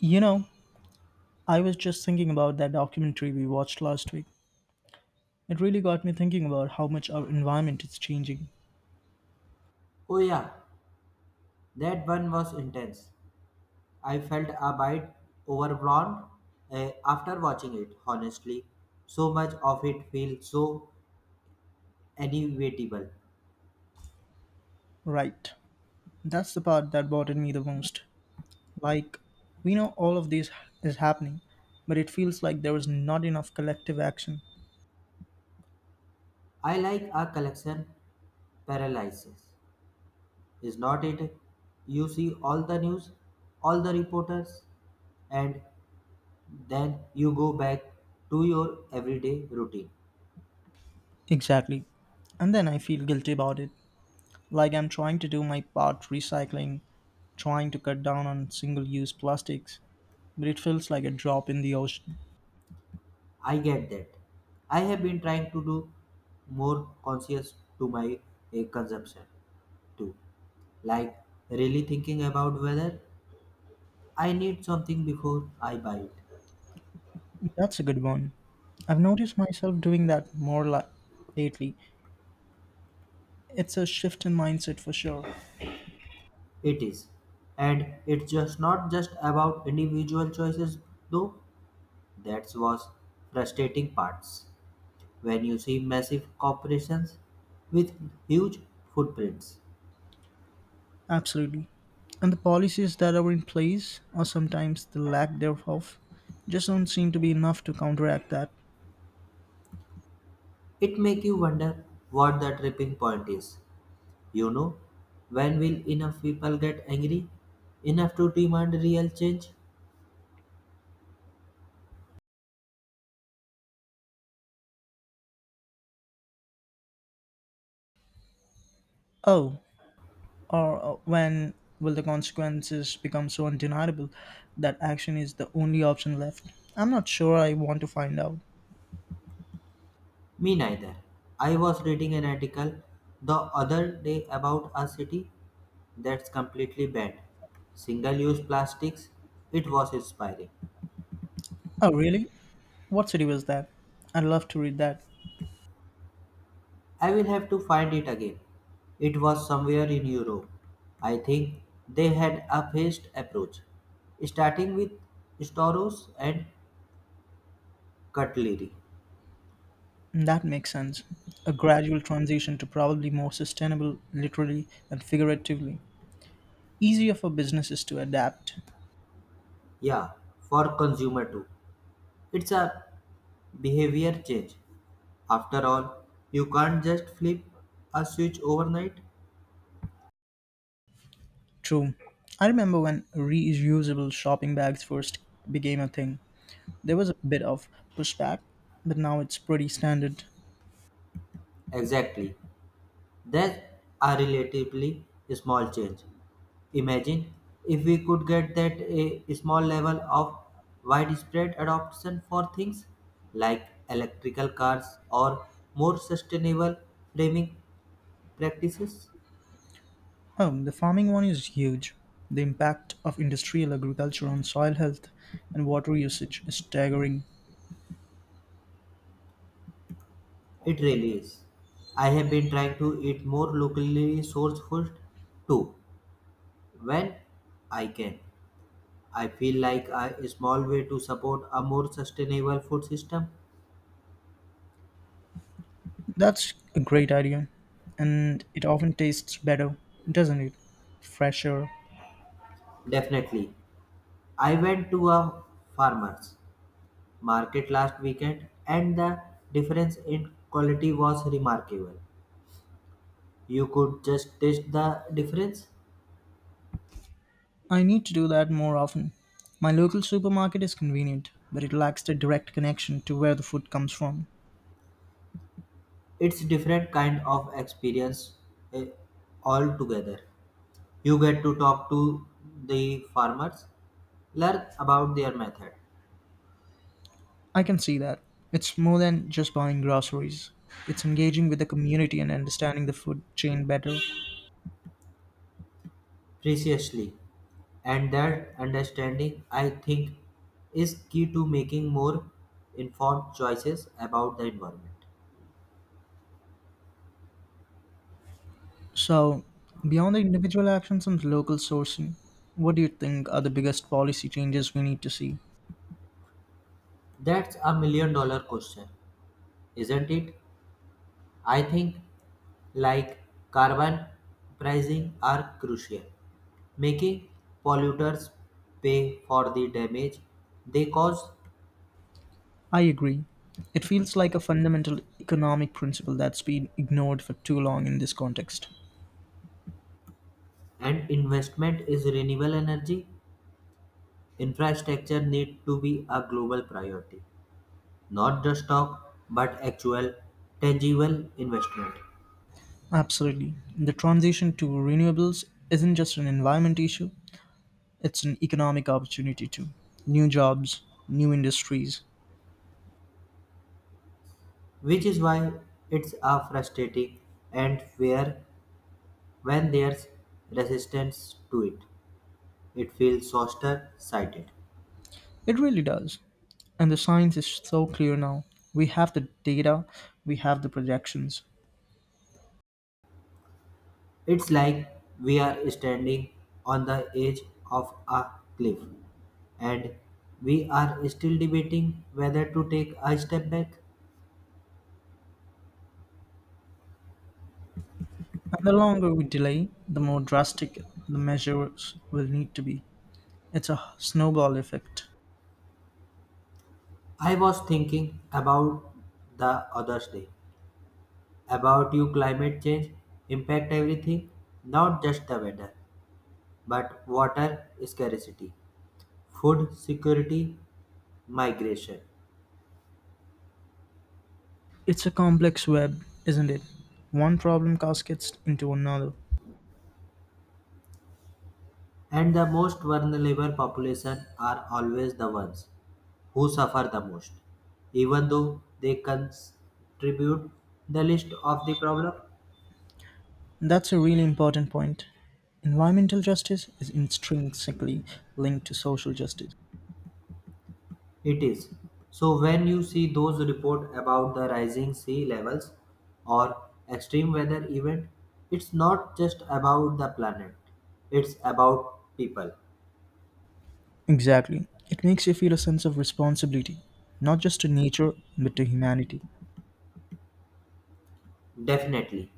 You know, I was just thinking about that documentary we watched last week. It really got me thinking about how much our environment is changing. Oh yeah, that one was intense. I felt a bit overwhelmed after watching it, honestly. So much of it feels so inevitable. Right. That's the part that bothered me the most. Like, we know all of this is happening, but it feels like there is not enough collective action. I like a collection paralysis, is not it? You see all the news, all the reporters, and then you go back to your everyday routine. Exactly. And then I feel guilty about it. Like I'm trying to do my part recycling, trying to cut down on single use plastics, but it feels like a drop in the ocean. I get that. I have been trying to do more conscious to my consumption too. Like, really thinking about whether I need something before I buy it. That's a good one. I've noticed myself doing that lately. It's a shift in mindset for sure. It is. And it's just not just about individual choices, though. That was frustrating parts. When you see massive corporations with huge footprints, Absolutely. And the policies that are in place, or sometimes the lack thereof, just don't seem to be enough to counteract that. it make you wonder what the tripping point is. You know, when will enough people get angry enough to demand real change? Oh, or when will the consequences become so undeniable that action is the only option left? I'm not sure I want to find out. Me neither. I was reading an article the other day about a city that's completely banned single use plastics. It was inspiring. Oh, really? What city was that? I'd love to read that. I will have to find it again. It was somewhere in Europe. I think they had a phased approach, starting with stores and cutlery. That makes sense. A gradual transition to probably more sustainable, literally and figuratively. Easier for businesses to adapt. Yeah, for consumer too. It's a behavior change. After all, you can't just flip a switch overnight. True. I remember when reusable shopping bags first became a thing. There was a bit of pushback, but now it's pretty standard. Exactly. That's a relatively small change. Imagine if we could get that a small level of widespread adoption for things like electrical cars or more sustainable framing practices. Oh, the farming one is huge. The impact of industrial agriculture on soil health and water usage is staggering. It really is. I have been trying to eat more locally sourced food too when I can. I feel like a small way to support a more sustainable food system. That's a great idea. And it often tastes better, doesn't it? Fresher. Definitely. I went to a farmer's market last weekend and the difference in quality was remarkable. You could just taste the difference. I need to do that more often. My local supermarket is convenient, but it lacks the direct connection to where the food comes from. It's different kind of experience eh, altogether. You get to talk to the farmers, learn about their method I can see that. It's more than just buying groceries, it's engaging with the community and understanding the food chain better. preciously, and that understanding I think is key to making more informed choices about the environment. So, beyond the individual actions and local sourcing, what do you think are the biggest policy changes we need to see? That's a million dollar question. Isn't it? I think like carbon pricing are crucial, making polluters pay for the damage they cause, I agree. It feels like a fundamental economic principle that's been ignored for too long in this context. and investment is renewable energy infrastructure need to be a global priority, not just talk but actual tangible investment, Absolutely. The transition to renewables isn't just an environment issue, it's an economic opportunity too. New jobs, new industries. which is why it's a frustrating and fair when there's resistance to it. It feels shorter sighted. It really does. And the science is so clear now. We have the data, we have the projections. It's like we are standing on the edge of a cliff and we are still debating whether to take a step back. And the longer we delay, the more drastic the measures will need to be. It's a snowball effect. I was thinking about the other day about you climate change impact everything, not just the weather but water scarcity, food security, migration, It's a complex web, isn't it? One problem cascades into another. and the most vulnerable population are always the ones who suffer the most, even though they contribute the least of the problem. That's a really important point. Environmental justice is intrinsically linked to social justice. It is. So when you see those report about the rising sea levels or extreme weather event, it's not just about the planet. It's about people. Exactly. It makes you feel a sense of responsibility, not just to nature, but to humanity. Definitely.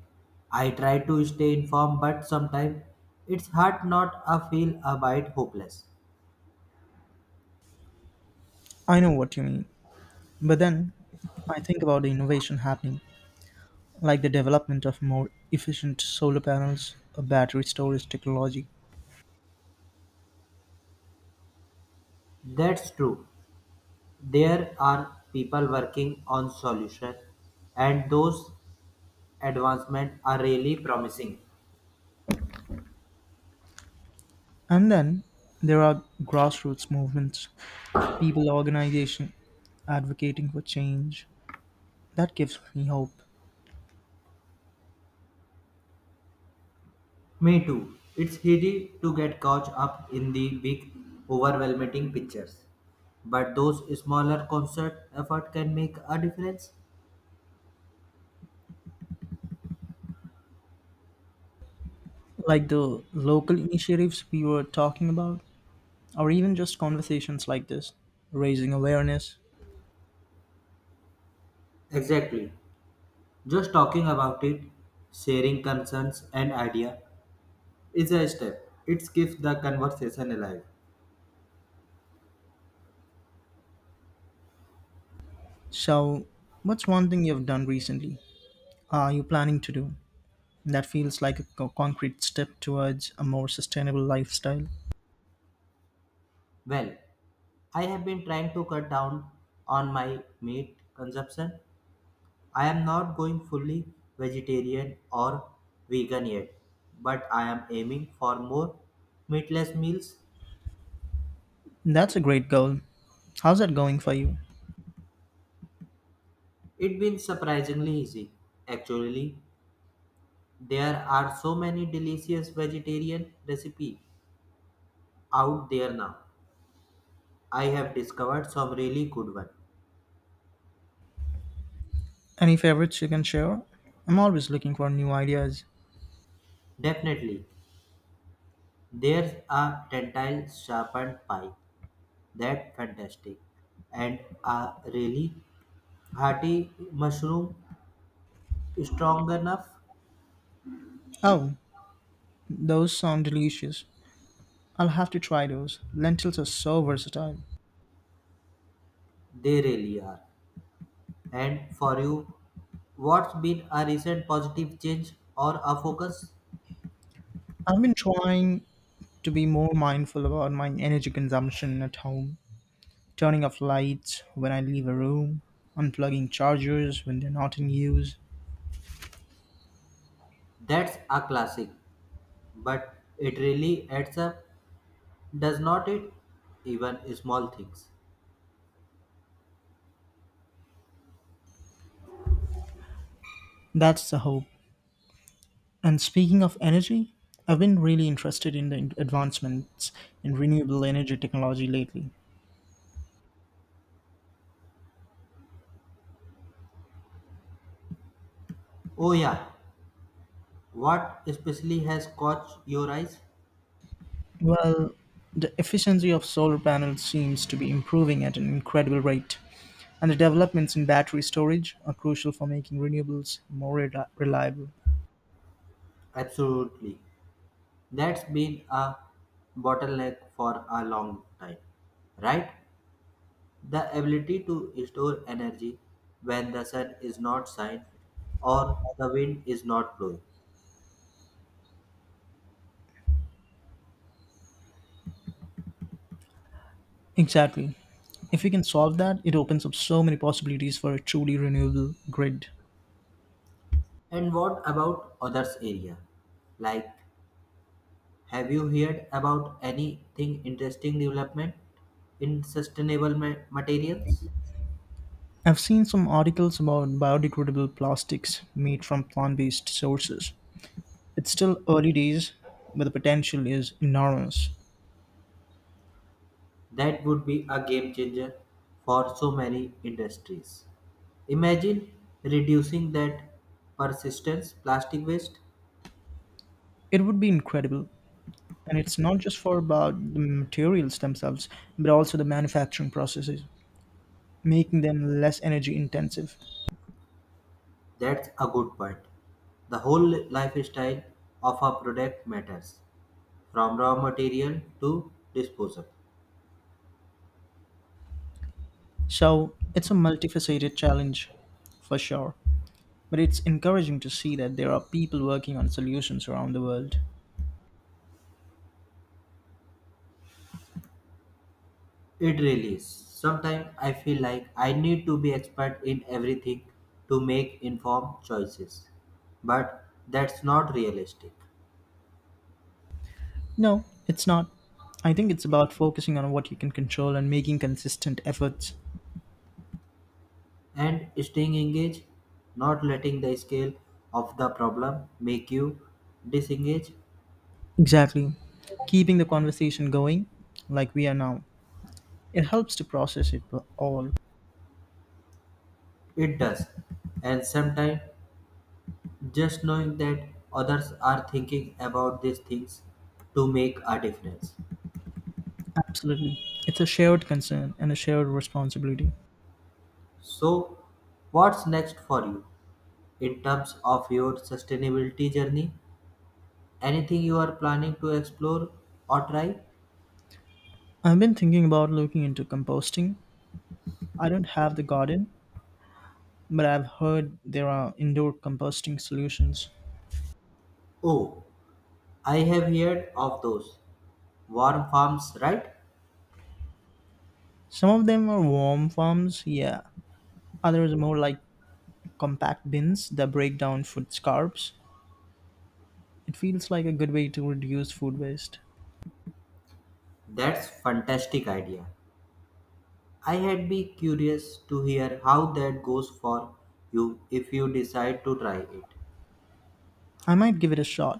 I try to stay informed but sometimes it's hard not to feel a bit hopeless. I know what you mean. But then I think about the innovation happening, like the development of more efficient solar panels or battery storage technology. That's true. There are people working on solutions and those advancements are really promising. And then there are grassroots movements, people organization advocating for change. That gives me hope. Me too. It's easy to get caught up in the big overwhelming pictures. But those smaller concert effort can make a difference. Like the local initiatives we were talking about, or even just conversations like this, raising awareness. Exactly. Just talking about it, sharing concerns and idea is a step. It keeps the conversation alive. So, what's one thing you've done recently? Are you planning to do that feels like a concrete step towards a more sustainable lifestyle? Well, I have been trying to cut down on my meat consumption. I am not going fully vegetarian or vegan yet, but I am aiming for more meatless meals. That's a great goal. How's that going for you? It's been surprisingly easy. Actually, there are so many delicious vegetarian recipes out there now. I have discovered some really good ones. Any favorites you can share? I'm always looking for new ideas. Definitely, there's a tentile sharpened pie that fantastic, and a really hearty mushroom strong enough. Oh, those sound delicious. I'll have to try those. Lentils are so versatile. They really are. And for you, what's been a recent positive change or a focus? I've been trying to be more mindful about my energy consumption at home, turning off lights when I leave a room, unplugging chargers when they're not in use. That's a classic, but it really adds up, does not it? Even small things. That's the hope. And speaking of energy, I've been really interested in the advancements in renewable energy technology lately. Oh, yeah, what especially has caught your eyes? Well, the efficiency of solar panels seems to be improving at an incredible rate, and the developments in battery storage are crucial for making renewables reliable. Absolutely, that's been a bottleneck for a long time, right? The ability to store energy when the sun is not shining or the wind is not blowing. Exactly. If we can solve that, it opens up so many possibilities for a truly renewable grid. And what about others area? Like, have you heard about anything interesting development in sustainable materials? I've seen some articles about biodegradable plastics made from plant based sources. It's still early days, but the potential is enormous. That would be a game changer for so many industries. Imagine reducing that persistence plastic waste. It would be incredible. And it's not just for about the materials themselves, but also the manufacturing processes, making them less energy intensive. That's a good point. The whole lifestyle of a product matters, from raw material to disposal. So it's a multifaceted challenge for sure. But it's encouraging to see that there are people working on solutions around the world. It really is. Sometimes I feel like I need to be expert in everything to make informed choices. But that's not realistic. No, it's not. I think it's about focusing on what you can control and making consistent efforts. And staying engaged, not letting the scale of the problem make you disengage, Exactly. Keeping the conversation going, like we are now, it helps to process it all. it does. And sometimes just knowing that others are thinking about these things to make a difference. Absolutely. It's a shared concern and a shared responsibility. So, what's next for you in terms of your sustainability journey? Anything you are planning to explore or try? I've been thinking about looking into composting. I don't have the garden, but I've heard there are indoor composting solutions. Oh, I have heard of those. Warm farms, right? Some of them are warm farms, yeah. Others are more like compact bins that break down food scraps. It feels like a good way to reduce food waste. That's fantastic idea. I had be curious to hear how that goes for you if you decide to try it. I might give it a shot.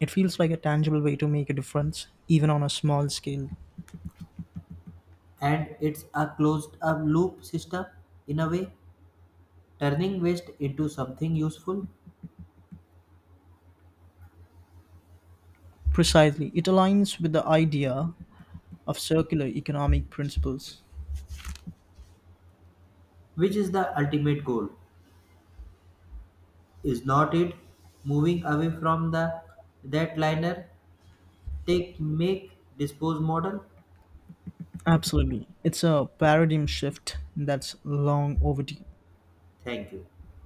It feels like a tangible way to make a difference, even on a small scale. And it's a closed up loop system in a way, turning waste into something useful, Precisely, it aligns with the idea of circular economic principles. which is the ultimate goal. Is not it moving away from the that liner take make dispose model? Absolutely. It's a paradigm shift that's long overdue. Thank you.